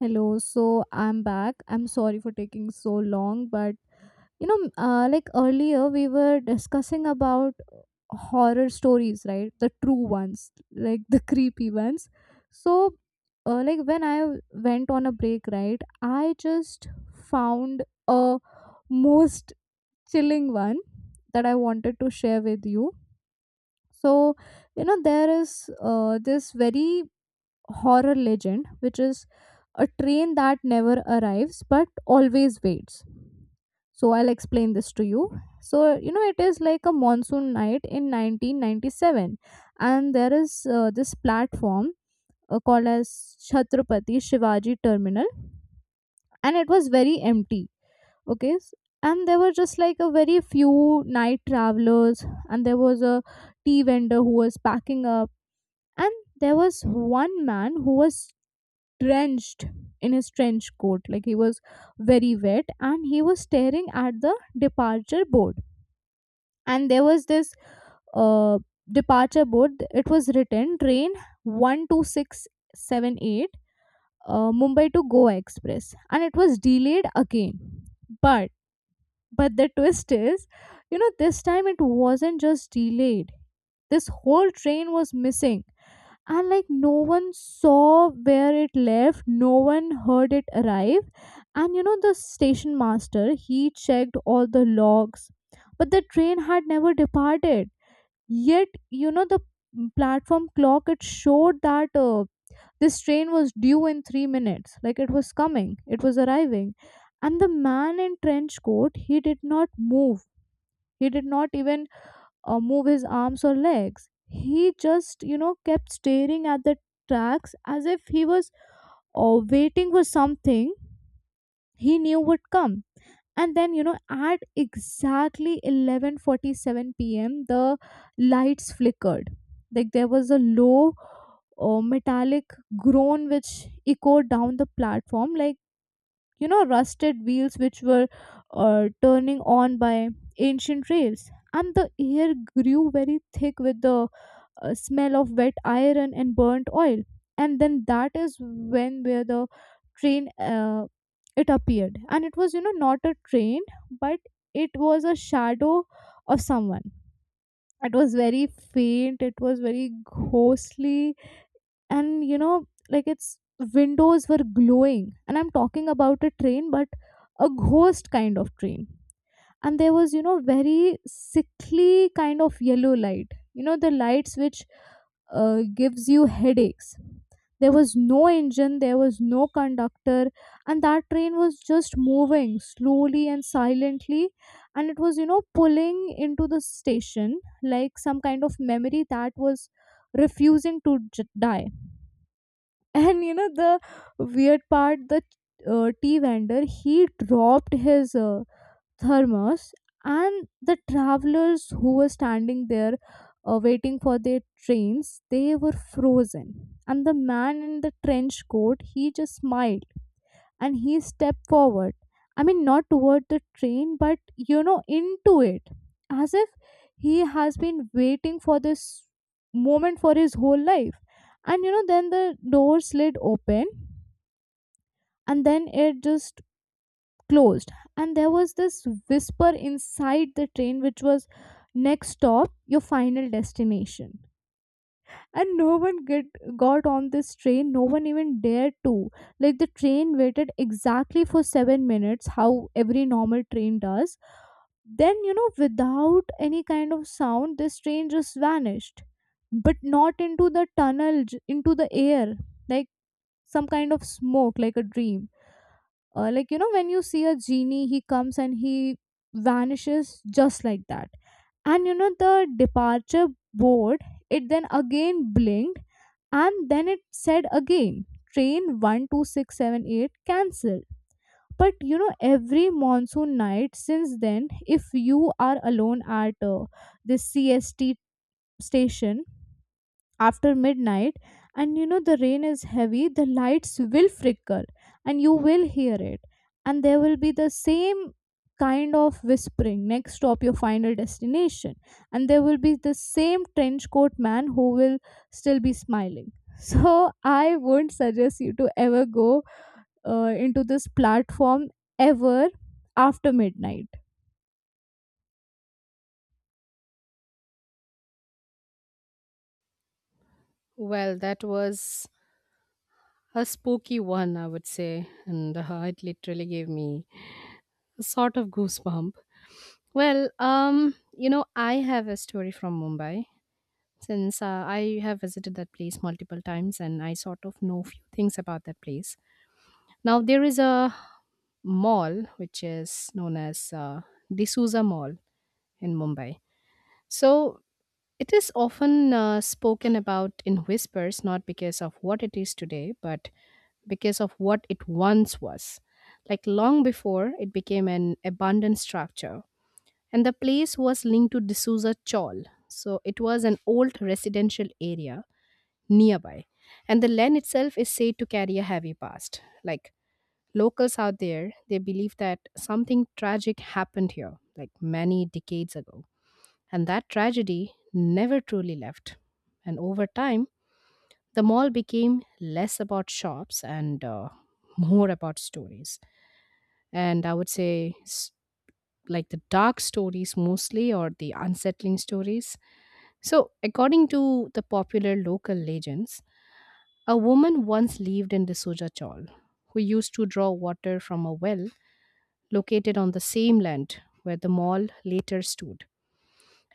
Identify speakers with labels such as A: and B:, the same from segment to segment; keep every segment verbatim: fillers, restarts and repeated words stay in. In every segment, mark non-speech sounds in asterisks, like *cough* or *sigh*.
A: Hello, so I'm back. I'm sorry for taking so long, but you know, uh, like earlier we were discussing about uh, horror stories, right? The true ones, like the creepy ones. So, uh, like when I went on a break, right, I just found a most chilling one that I wanted to share with you. So, you know, there is uh, this very horror legend, which is a train that never arrives but always waits. So I'll explain this to you. So you know it is like a monsoon night in nineteen ninety-seven, and there is uh, this platform uh, called as Chhatrapati Shivaji Terminal, and it was very empty. Okay, s- And there were just like a very few night travelers, and there was a tea vendor who was packing up, and there was one man who was drenched in his trench coat, like he was very wet, and he was staring at the departure board. And there was this uh, departure board, it was written train one two six seven eight, uh, mumbai to goa express, and it was delayed again. But but the twist is, you know, this time it wasn't just delayed, this whole train was missing. And like no one saw where it left, no one heard it arrive. And you know, the station master, he checked all the logs, but the train had never departed. Yet, you know, the platform clock, it showed that uh, this train was due in three minutes. Like it was coming, it was arriving. And the man in trench coat, he did not move. He did not even uh, move his arms or legs. He just, you know, kept staring at the tracks as if he was uh, waiting for something he knew would come. And then you know, at exactly eleven forty-seven p m, the lights flickered. Like there was a low uh, metallic groan which echoed down the platform like, you know, rusted wheels which were uh, turning on by ancient rails. And the air grew very thick with the uh, smell of wet iron and burnt oil. And then that is when where the train uh, it appeared, and it was, you know, not a train, but it was a shadow of someone. It was very faint, it was very ghostly. And you know, like its windows were glowing, and I'm talking about a train, but a ghost kind of train. And there was, you know, very sickly kind of yellow light, you know, the lights which uh, gives you headaches. There was no engine, there was no conductor, and that train was just moving slowly and silently, and it was, you know, pulling into the station like some kind of memory that was refusing to j- die. *laughs* And you know, the weird part, the uh, tea vendor, he dropped his uh, thermos, and the travelers who were standing there uh, waiting for their trains, they were frozen. And the man in the trench coat, he just smiled and he stepped forward, I mean not toward the train but, you know, into it, as if he has been waiting for this moment for his whole life. And you know, then the door slid open, and then it just closed. And there was this whisper inside the train which was, next stop, your final destination. And no one get got on this train, no one even dared to. Like the train waited exactly for seven minutes, how every normal train does. Then, you know, without any kind of sound, this train just vanished, but not into the tunnel j- into the air, like some kind of smoke, like a dream. Uh, like, you know, when you see a genie, he comes and he vanishes just like that. And you know, the departure board, it then again blinked, and then it said again, train one two six seven eight cancelled. But you know, every monsoon night since then, if you are alone at uh, this c s t station after midnight, and you know the rain is heavy, the lights will flicker, and you will hear it. And there will be the same kind of whispering, next stop, your final destination. And there will be the same trench coat man who will still be smiling. *laughs* So I won't suggest you to ever go uh, into this platform ever after midnight.
B: Well, that was a spooky one, I would say, and uh, it literally gave me a sort of goosebump. Well, um, you know, I have a story from Mumbai since uh, I have visited that place multiple times, and I sort of know few things about that place. Now there is a mall which is known as uh, D'Souza Mall in Mumbai. So it is often uh, spoken about in whispers, not because of what it is today, but because of what it once was. Like long before it became an abandoned structure. And the place was linked to D'Souza Chol. So it was an old residential area nearby. And the land itself is said to carry a heavy past. Like locals out there, they believe that something tragic happened here, like many decades ago and that tragedy never truly left. And over time, the mall became less about shops and uh, more about stories. And I would say, s- like the dark stories mostly, or the unsettling stories. So, according to the popular local legends, a woman once lived in D'Souza Chawl who used to draw water from a well located on the same land where the mall later stood.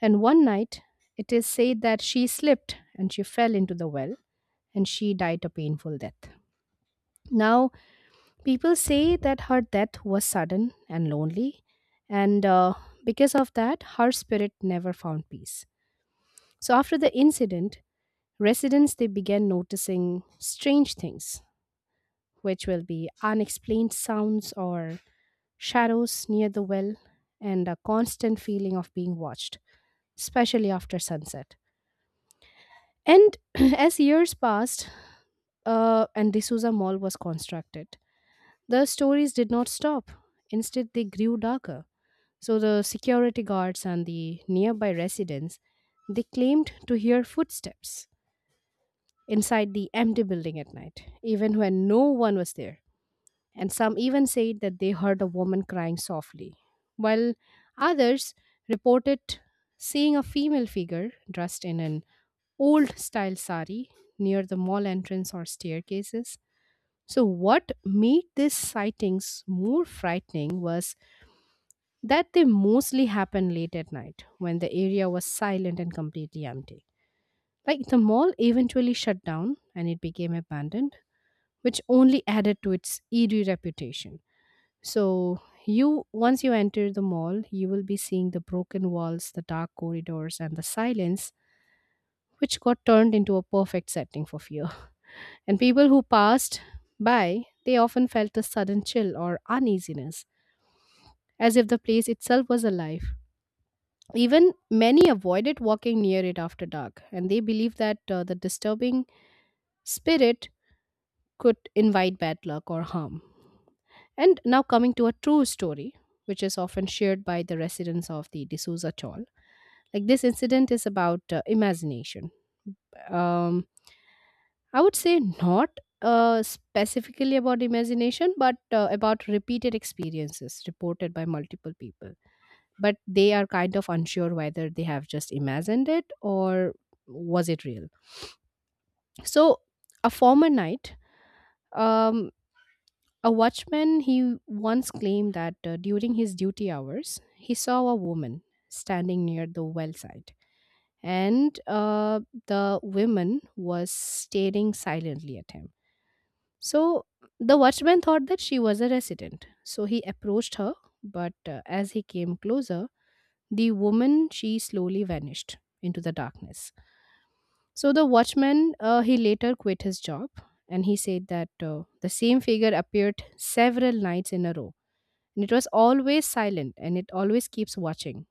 B: And one night, it is said that she slipped and she fell into the well and she died a painful death. Now, people say that her death was sudden and lonely, and uh, because of that, her spirit never found peace. So, after the incident, residents they began noticing strange things, which will be unexplained sounds or shadows near the well, and a constant feeling of being watched, especially after sunset. And *clears throat* as years passed uh, and the D'Souza Mall was constructed, the stories did not stop. Instead, they grew darker. So the security guards and the nearby residents, they claimed to hear footsteps inside the empty building at night, even when no one was there. And some even said that they heard a woman crying softly, while others reported seeing a female figure dressed in an old style sari near the mall entrance or staircases. So, what made these sightings more frightening was that they mostly happened late at night when the area was silent and completely empty. Like the mall eventually shut down and it became abandoned, which only added to its eerie reputation. So, you once you enter the mall, you will be seeing the broken walls, the dark corridors, and the silence, which got turned into a perfect setting for fear. And people who passed by they often felt a sudden chill or uneasiness as if the place itself was alive, even many avoided walking near it after dark and they believed that uh, the disturbing spirit could invite bad luck or harm. And now coming to a true story which is often shared by the residents of the D'Souza Chol. Like this incident is about uh, imagination, um, I would say not uh, specifically about imagination, but uh, about repeated experiences reported by multiple people. But they are kind of unsure whether they have just imagined it or was it real. So, a former knight, um, a watchman, he once claimed that uh, during his duty hours, he saw a woman standing near the well side, and uh, the woman was staring silently at him. So the watchman thought that she was a resident. So he approached her, but uh, as he came closer, the woman she slowly vanished into the darkness. So the watchman uh, he later quit his job and he said that uh, the same figure appeared several nights in a row and it was always silent and it always keeps watching.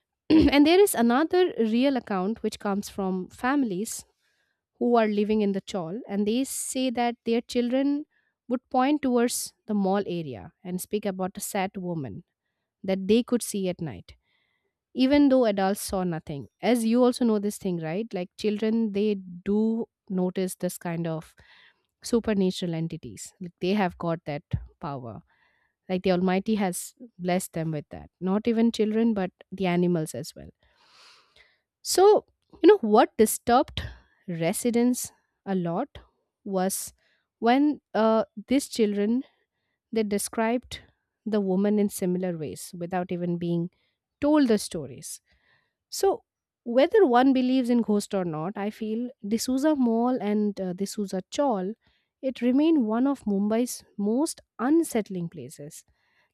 B: *clears throat* And there is another real account which comes from families who are living in the chawl and they say that their children would point towards the mall area and speak about a sad woman that they could see at night even though adults saw nothing. As you also know this thing right, like children they do notice this kind of supernatural entities, like they have got that power, like the almighty has blessed them with that, not even children but the animals as well. So, you know what disturbed residents a lot was when uh, these children they described the woman in similar ways without even being told the stories. So, whether one believes in ghost or not, I feel D'Souza Mall and uh, D'Souza Chawl it remained one of Mumbai's most unsettling places.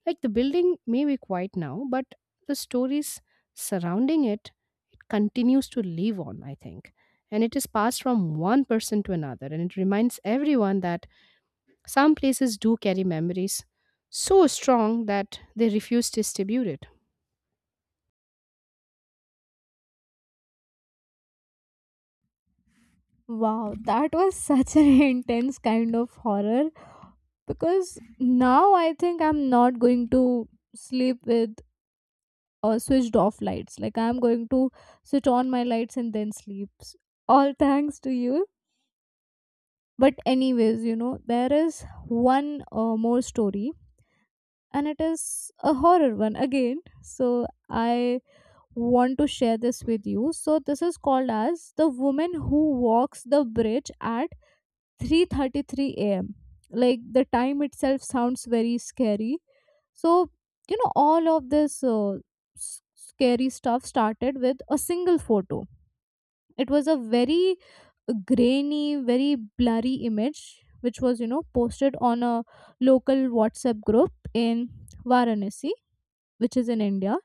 B: Like the building may be quiet now, but the stories surrounding it, it continues to live on, I think. And it is passed from one person to another. And it reminds everyone that some places do carry memories so strong that they refuse to distribute it.
A: Wow, that was such an *laughs* intense kind of horror. Because now I think I'm not going to sleep with uh, switched off lights. Like I'm going to switch on my lights and then sleep. All *laughs* thanks to you. But anyways, you know, there is one uh, more story, and it is a horror one again. So I want to share this with you. So this is called as the woman who walks the bridge at three thirty-three a m. Like the time itself sounds very scary. So, you know, all of this uh, s- scary stuff started with a single photo. It was a very grainy, very blurry image, which was, you know, posted on a local WhatsApp group in Varanasi, which is in India.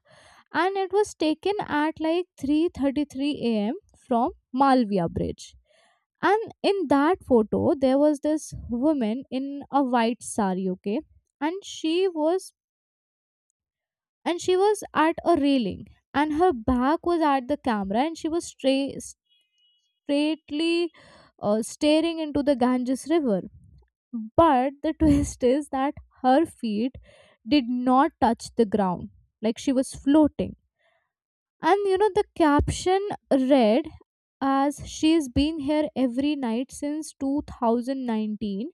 A: And it was taken at like three thirty-three a m from Malviya Bridge. And in that photo, there was this woman in a white sari, okay? And she was and she was at a railing, and her back was at the camera, and she was stra- straightly uh, staring into the ganges river. But the *laughs* twist is that her feet did not touch the ground, like she was floating. And you know, the caption read as, she's been here every night since two thousand nineteen,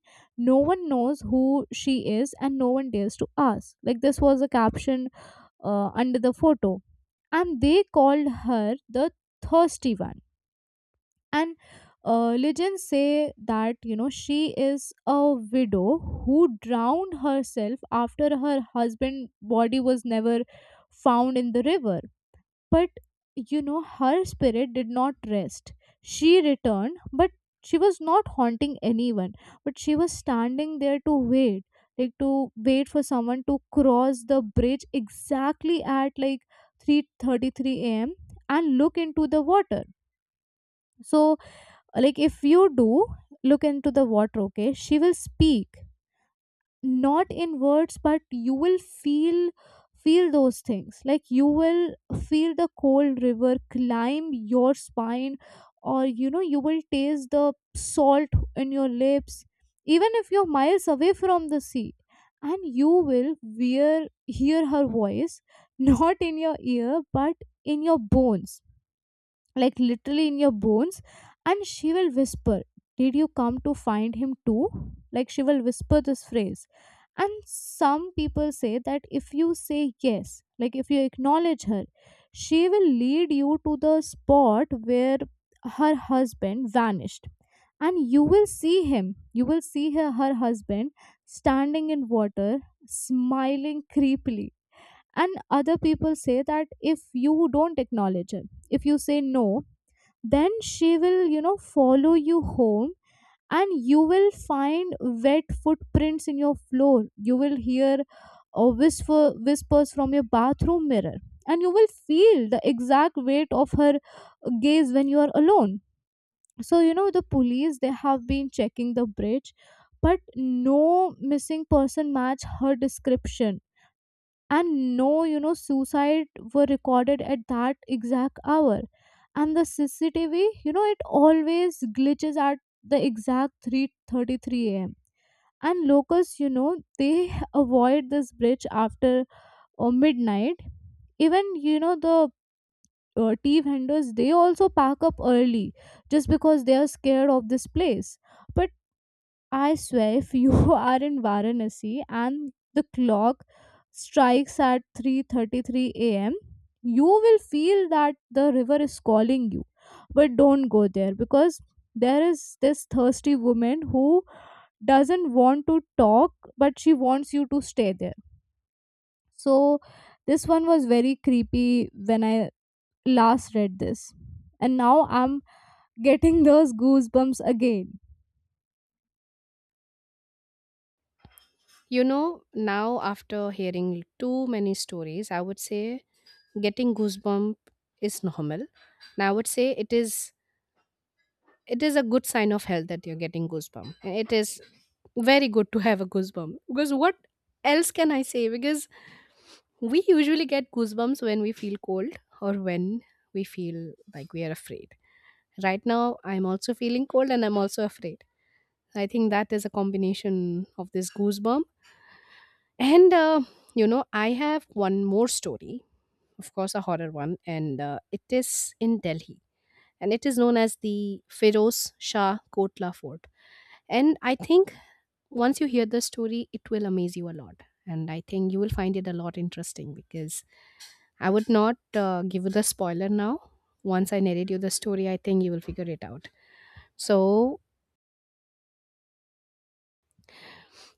A: no one knows who she is, and no one dares to ask. Like this was a caption uh, under the photo, and they called her the thirsty one. And uh, legends say that, you know, she is a widow who drowned herself after her husband' body was never found in the river. But you know, her spirit did not rest. She returned, but she was not haunting anyone, but she was standing there to wait, like to wait for someone to cross the bridge exactly at like three thirty-three a m and look into the water. So, like if you do look into the water, okay, she will speak not in words, but you will feel feel those things. Like you will feel the cold river climb your spine, or you know, you will taste the salt in your lips even if you're miles away from the sea. And you will wear, hear her voice *laughs* not in your ear but in your bones, like literally in your bones. And she will whisper, did you come to find him too? Like she will whisper this phrase. And some people say that if you say yes, like if you acknowledge her, she will lead you to the spot where her husband vanished. And you will see him, you will see her, her husband standing in water, smiling creepily. And other people say that if you don't acknowledge her, if you say no, then she will, you know, follow you home. And you will find wet footprints in your floor, you will hear uh, whisper whispers from your bathroom mirror. And you will feel the exact weight of her gaze when you are alone. So you know, the police, they have been checking the bridge, but no missing person match her description. And no, you know, suicide were recorded at that exact hour. And the c c t v, you know, it always glitches at the exact three thirty-three a m And locals, you know, they *laughs* avoid this bridge after uh, midnight. Even, you know, the uh, tea vendors, they also pack up early just because they are scared of this place. But I swear, if you *laughs* are in Varanasi and the clock strikes at three thirty-three a m, you will feel that the river is calling you. But don't go there, because there is this thirsty woman who doesn't want to talk, but she wants you to stay there. So this one was very creepy when I last read this, and now I'm getting *laughs* those goosebumps again.
B: You know, now after hearing too many stories, I would say getting goosebump is normal. Now I would say it is it is a good sign of health that you're getting goosebump. And it is very good to have a goosebump because what else can I say? Because we usually get goosebumps when we feel cold or when we feel like we are afraid. Right now, I'm also feeling cold and I'm also afraid. I think that is a combination of this goosebump. And uh, you know, I have one more story, of course, a horror one, and uh, it is in Delhi, and it is known as the Feroz Shah Kotla Fort. And I think once you hear the story, it will amaze you a lot. And I think you will find it a lot interesting because I would not uh, give you the spoiler now. Once I narrate you the story, I think you will figure it out. So,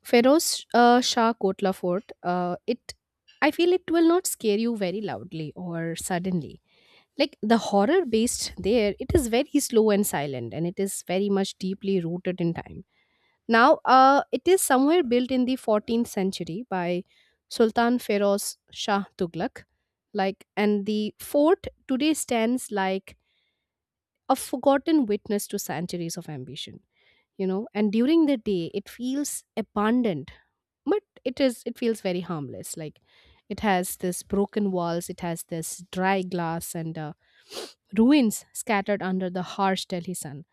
B: Feroz uh, Shah Kotla Fort, uh, it I feel it will not scare you very loudly or suddenly, like the horror based there, it is very slow and silent and it is very much deeply rooted in time. Now uh, it is somewhere built in the fourteenth century by Sultan Feroz Shah Tughlaq. Like, and the fort today stands like a forgotten witness to centuries of ambition. You know, and during the day it feels abandoned, but it is it feels very harmless, like it has this broken walls, it has this dry glass and uh, *sniffs* ruins scattered under the harsh Delhi sun.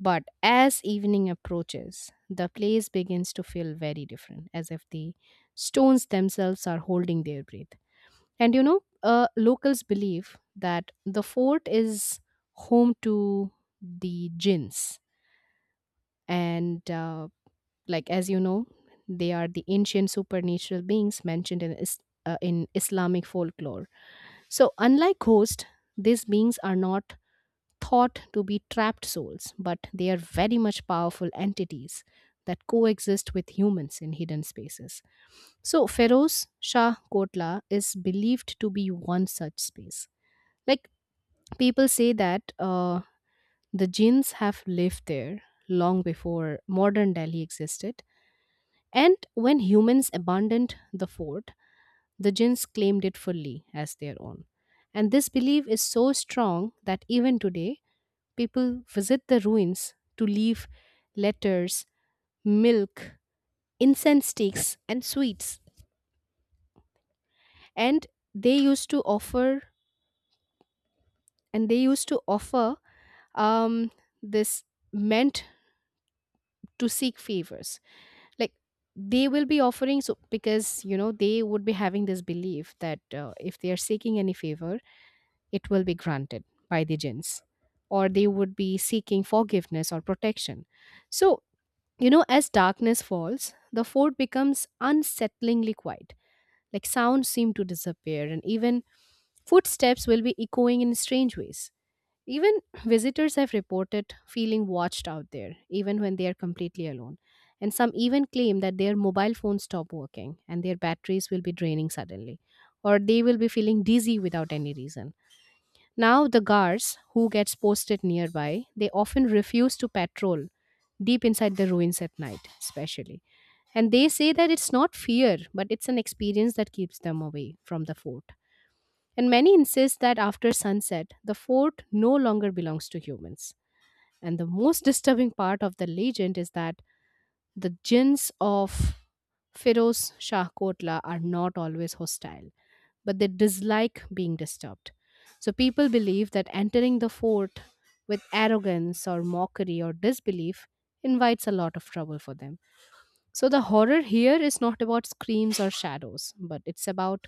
B: But as evening approaches the place begins to feel very different, as if the stones themselves are holding their breath. And you know uh, locals believe that the fort is home to the jinns and uh, like as you know they are the ancient supernatural beings mentioned in is- uh, in Islamic folklore. So unlike ghosts, these beings are not thought to be trapped souls but they are very much powerful entities that coexist with humans in hidden spaces. So Feroz Shah Kotla is believed to be one such space. Like people say that uh, the jinns have lived there long before modern Delhi existed, and when humans abandoned the fort, the jinns claimed it fully as their own. And this belief is so strong that even today, people visit the ruins to leave letters, milk, incense sticks, and sweets. And they used to offer, and they used to offer um, this meant to seek favors. Like they will be offering, so because you know they would be having this belief that uh, if they are seeking any favor, it will be granted by the jinns, or they would be seeking forgiveness or protection. So you know as darkness falls the fort becomes unsettlingly quiet, like sounds seem to disappear and even footsteps will be echoing in strange ways. Even visitors have reported feeling watched out there even when they are completely alone, and some even claim that their mobile phones stop working and their batteries will be draining suddenly, or they will be feeling dizzy without any reason. Now, the guards who gets posted nearby, they often refuse to patrol deep inside the ruins at night, especially. And they say that it's not fear, but it's an experience that keeps them away from the fort. And many insist that after sunset, the fort no longer belongs to humans. And the most disturbing part of the legend is that the jinns of Firoz Shah Kotla are not always hostile but they dislike being disturbed. So people believe that entering the fort with arrogance or mockery or disbelief invites a lot of trouble for them. So the horror here is not about screams or shadows, but it's about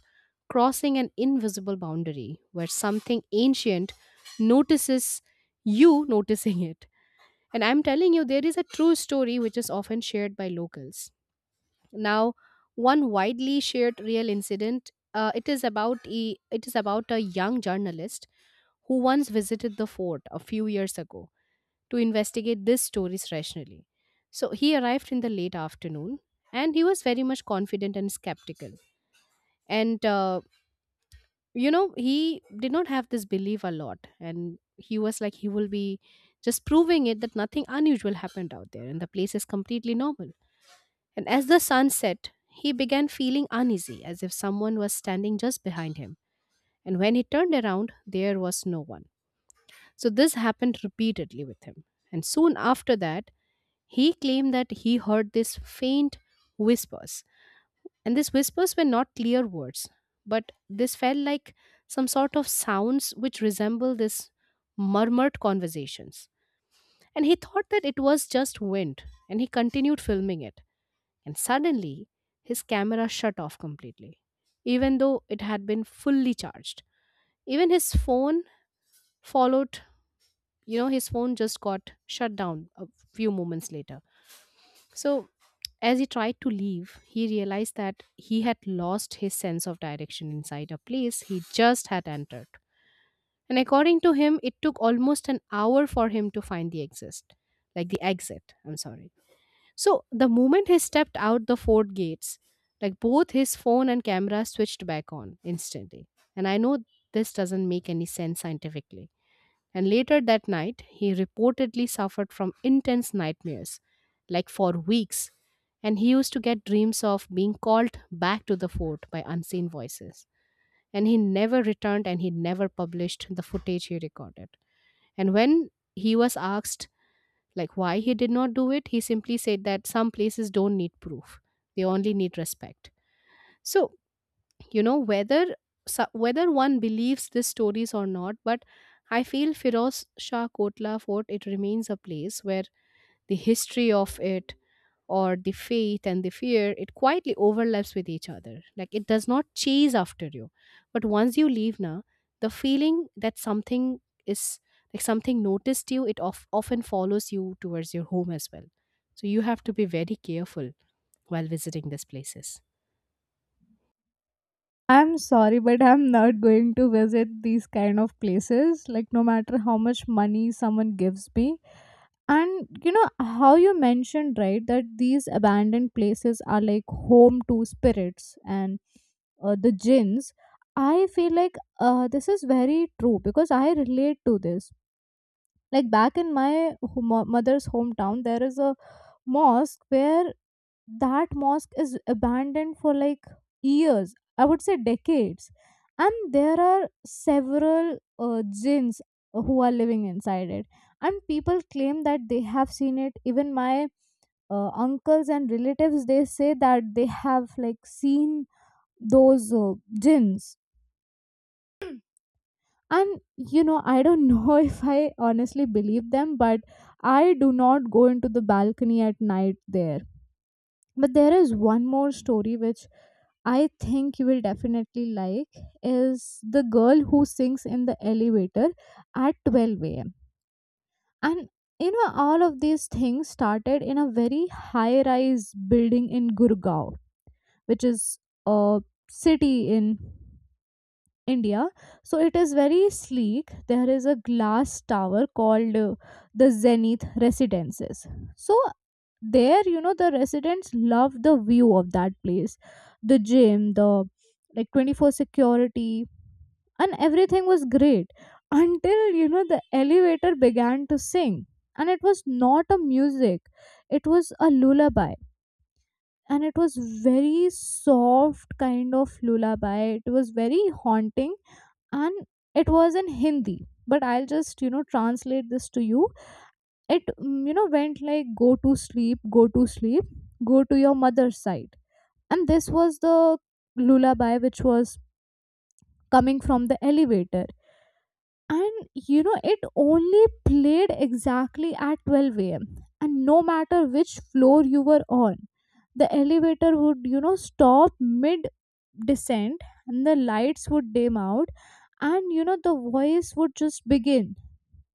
B: crossing an invisible boundary where something ancient notices you noticing it. And I'm telling you, there is a true story which is often shared by locals. Now, one widely shared real incident. Uh, it is about a, it is about a young journalist who once visited the fort a few years ago to investigate this stories rationally. So he arrived in the late afternoon, and he was very much confident and skeptical. And uh, you know, he did not have this belief a lot, and he was like, he will be just proving it that nothing unusual happened out there, and the place is completely normal. And as the sun set, he began feeling uneasy, as if someone was standing just behind him. And when he turned around, there was no one. So this happened repeatedly with him. And soon after that, he claimed that he heard these faint whispers. And these whispers were not clear words, but this felt like some sort of sounds which resemble this murmured conversations. And he thought that it was just wind, and he continued filming it. And suddenly, his camera shut off completely, even though it had been fully charged. Even his phone followed, you know, his phone just got shut down a few moments later. So, as he tried to leave, he realized that he had lost his sense of direction inside a place he just had entered. And according to him, it took almost an hour for him to find the exit, like the exit. I'm sorry. So the moment he stepped out the fort gates, like both his phone and camera switched back on instantly. And I know this doesn't make any sense scientifically. And later that night, he reportedly suffered from intense nightmares, like for weeks. And he used to get dreams of being called back to the fort by unseen voices. And he never returned and he never published the footage he recorded. And when he was asked like why he did not do it, he simply said that some places don't need proof. They only need respect. So, you know, whether so- whether one believes these stories or not, but I feel Firoz Shah Kotla Fort, it remains a place where the history of it, or the faith and the fear, it quietly overlaps with each other. Like it does not chase after you. But once you leave now, the feeling that something is like something noticed you, it of, often follows you towards your home as well. So you have to be very careful while visiting these places.
A: I'm sorry, but I'm not going to visit these kind of places, like, no matter how much money someone gives me. And you know, how you mentioned, right, that these abandoned places are like home to spirits and uh, the jinns. I feel like uh, this is very true because I relate to this. Like, back in my ho- mo- mother's hometown, there is a mosque where that mosque is abandoned for like years, I would say decades, and there are several uh, jinns who are living inside it. And people claim that they have seen it. Even my uh, uncles and relatives, they say that they have like seen those uh, jinns. And you know, I don't know *laughs* if I honestly believe them, but I do not go into the balcony at night there. But there is one more story which I think you will definitely like, is the girl who sings in the elevator at twelve a m. And you know, all of these things started in a very high rise building in Gurgaon, which is a city in India. So it is very sleek. There is a glass tower called uh, the Zenith Residences. So there, you know, the residents love the view of that place, the gym, the like twenty-four security, and everything was great until, you know, the elevator began to sing. And it was not a music, it was a lullaby. And it was very soft kind of lullaby, it was very haunting. And it was in Hindi, but I'll just, you know, translate this to you. It mm, you know went like, go to sleep, go to sleep, go to your mother's side. And this was the lullaby which was coming from the elevator. And you know, it only played exactly at twelve a.m. And no matter which floor you were on, the elevator would, you know, stop mid descent and the lights would dim out. And you know, the voice would just begin,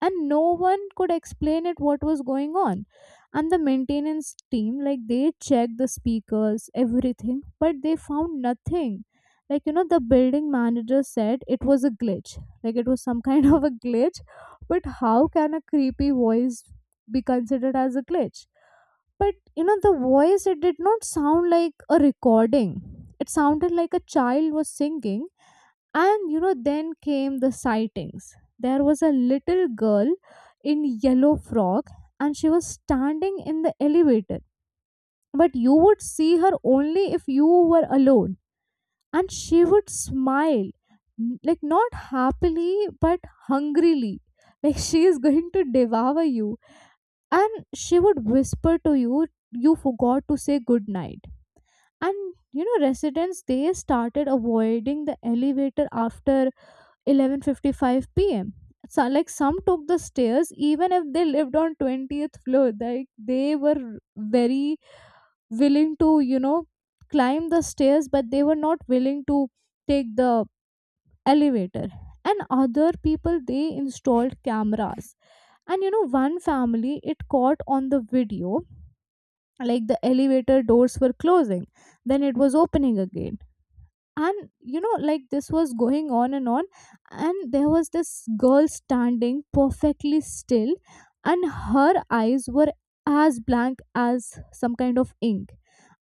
A: and no one could explain it, what was going on. And the maintenance team, like, they checked the speakers, everything, but they found nothing. Like, you know, the building manager said it was a glitch, like it was some kind *laughs* of a glitch. But how can a creepy voice be considered as a glitch? But you know, the voice, it did not sound like a recording, it sounded like a child was singing. And you know, then came the sightings. There was a little girl in yellow frock, and she was standing in the elevator. But you would see her only if you were alone. And she would smile, n- like not happily, but hungrily. *laughs* Like she is going to devour you. And she would whisper to you, you forgot to say good night." And you know, residents, they started avoiding the elevator after eleven fifty-five p m. So, like, some took the stairs even if they lived on twentieth floor. Like they were very willing to, you know, climb the stairs, but they were not willing to take the elevator. And other people, they installed cameras. And you know, one family, it caught on the video, like the elevator doors were closing, then it was opening again. And you know, like, this was going on and on. And there was this girl standing perfectly still, and her eyes were as blank as some kind of ink.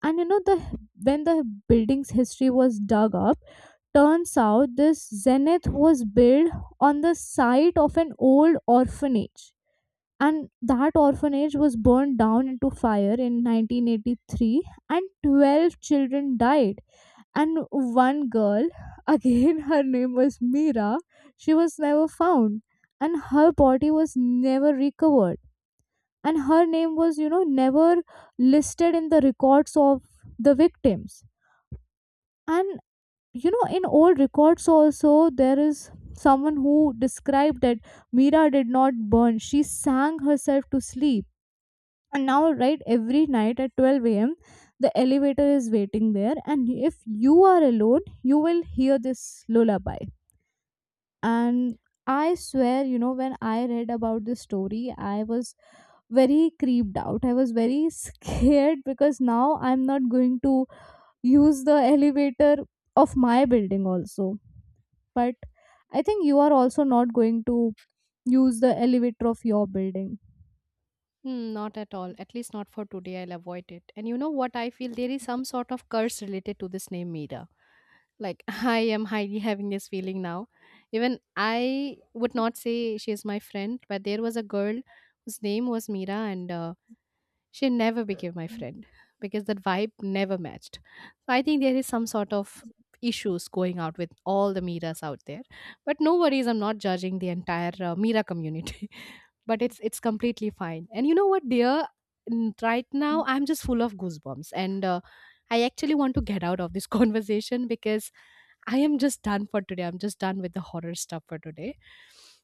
A: And you know, the when the building's history was dug up, turns out this Zenith was built on the site of an old orphanage. And that orphanage was burned down into fire in nineteen eighty-three, and twelve children died. And one girl, *laughs* again, her name was Mira, she was never found, and her body was never recovered. And her name was, you know, never listed in the records of the victims. And you know, in old records also, there is someone who described that Mira did not burn, she sang herself to sleep. And now, right, every night at twelve a.m, the elevator is waiting there. And if you are alone, you will hear this lullaby. And I swear, you know, when I read about this story, I was very creeped out, I was very *laughs* scared, because now I'm not going to use the elevator of my building also. But I think you are also not going to use the elevator of your building.
B: Hmm, not at all. At least not for today. I'll avoid it. And you know what? I feel there is some sort of curse related to this name Mira. Like, *laughs* I am highly having this feeling now. Even I would not say she is my friend, but there was a girl whose name was Mira, and uh, she never became my friend because that vibe never matched. So, I think there is some sort of issues going out with all the Miras out there. But no worries, I'm not judging the entire uh, Mira community. *laughs* But it's it's completely fine. And you know what, dear? N- Right now, I'm just full of goosebumps, and uh, I actually want to get out of this *laughs* conversation because I am just done for today. I'm just done with the horror stuff for today,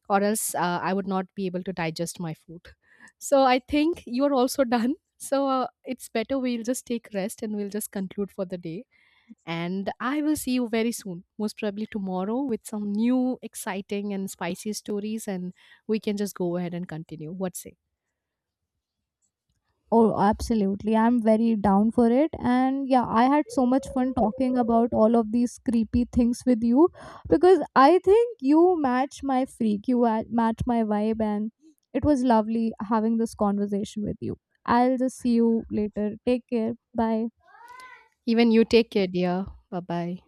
B: or else uh, I would not be able to digest my food. So I think you are also *laughs* done. So uh, it's better we'll just take rest and we'll just conclude for the day. And I will see you very soon, most probably tomorrow, with some new exciting and spicy stories, and we can just go ahead and continue. What say?
A: Oh, absolutely. I'm very down for it. And yeah, I had so much fun talking about all of these creepy things with you, because I think you match my freak, you a- match my vibe, and it was lovely having this conversation with you. I'll just see you later. Take care. Bye.
B: Even you take care, dear. Bye bye.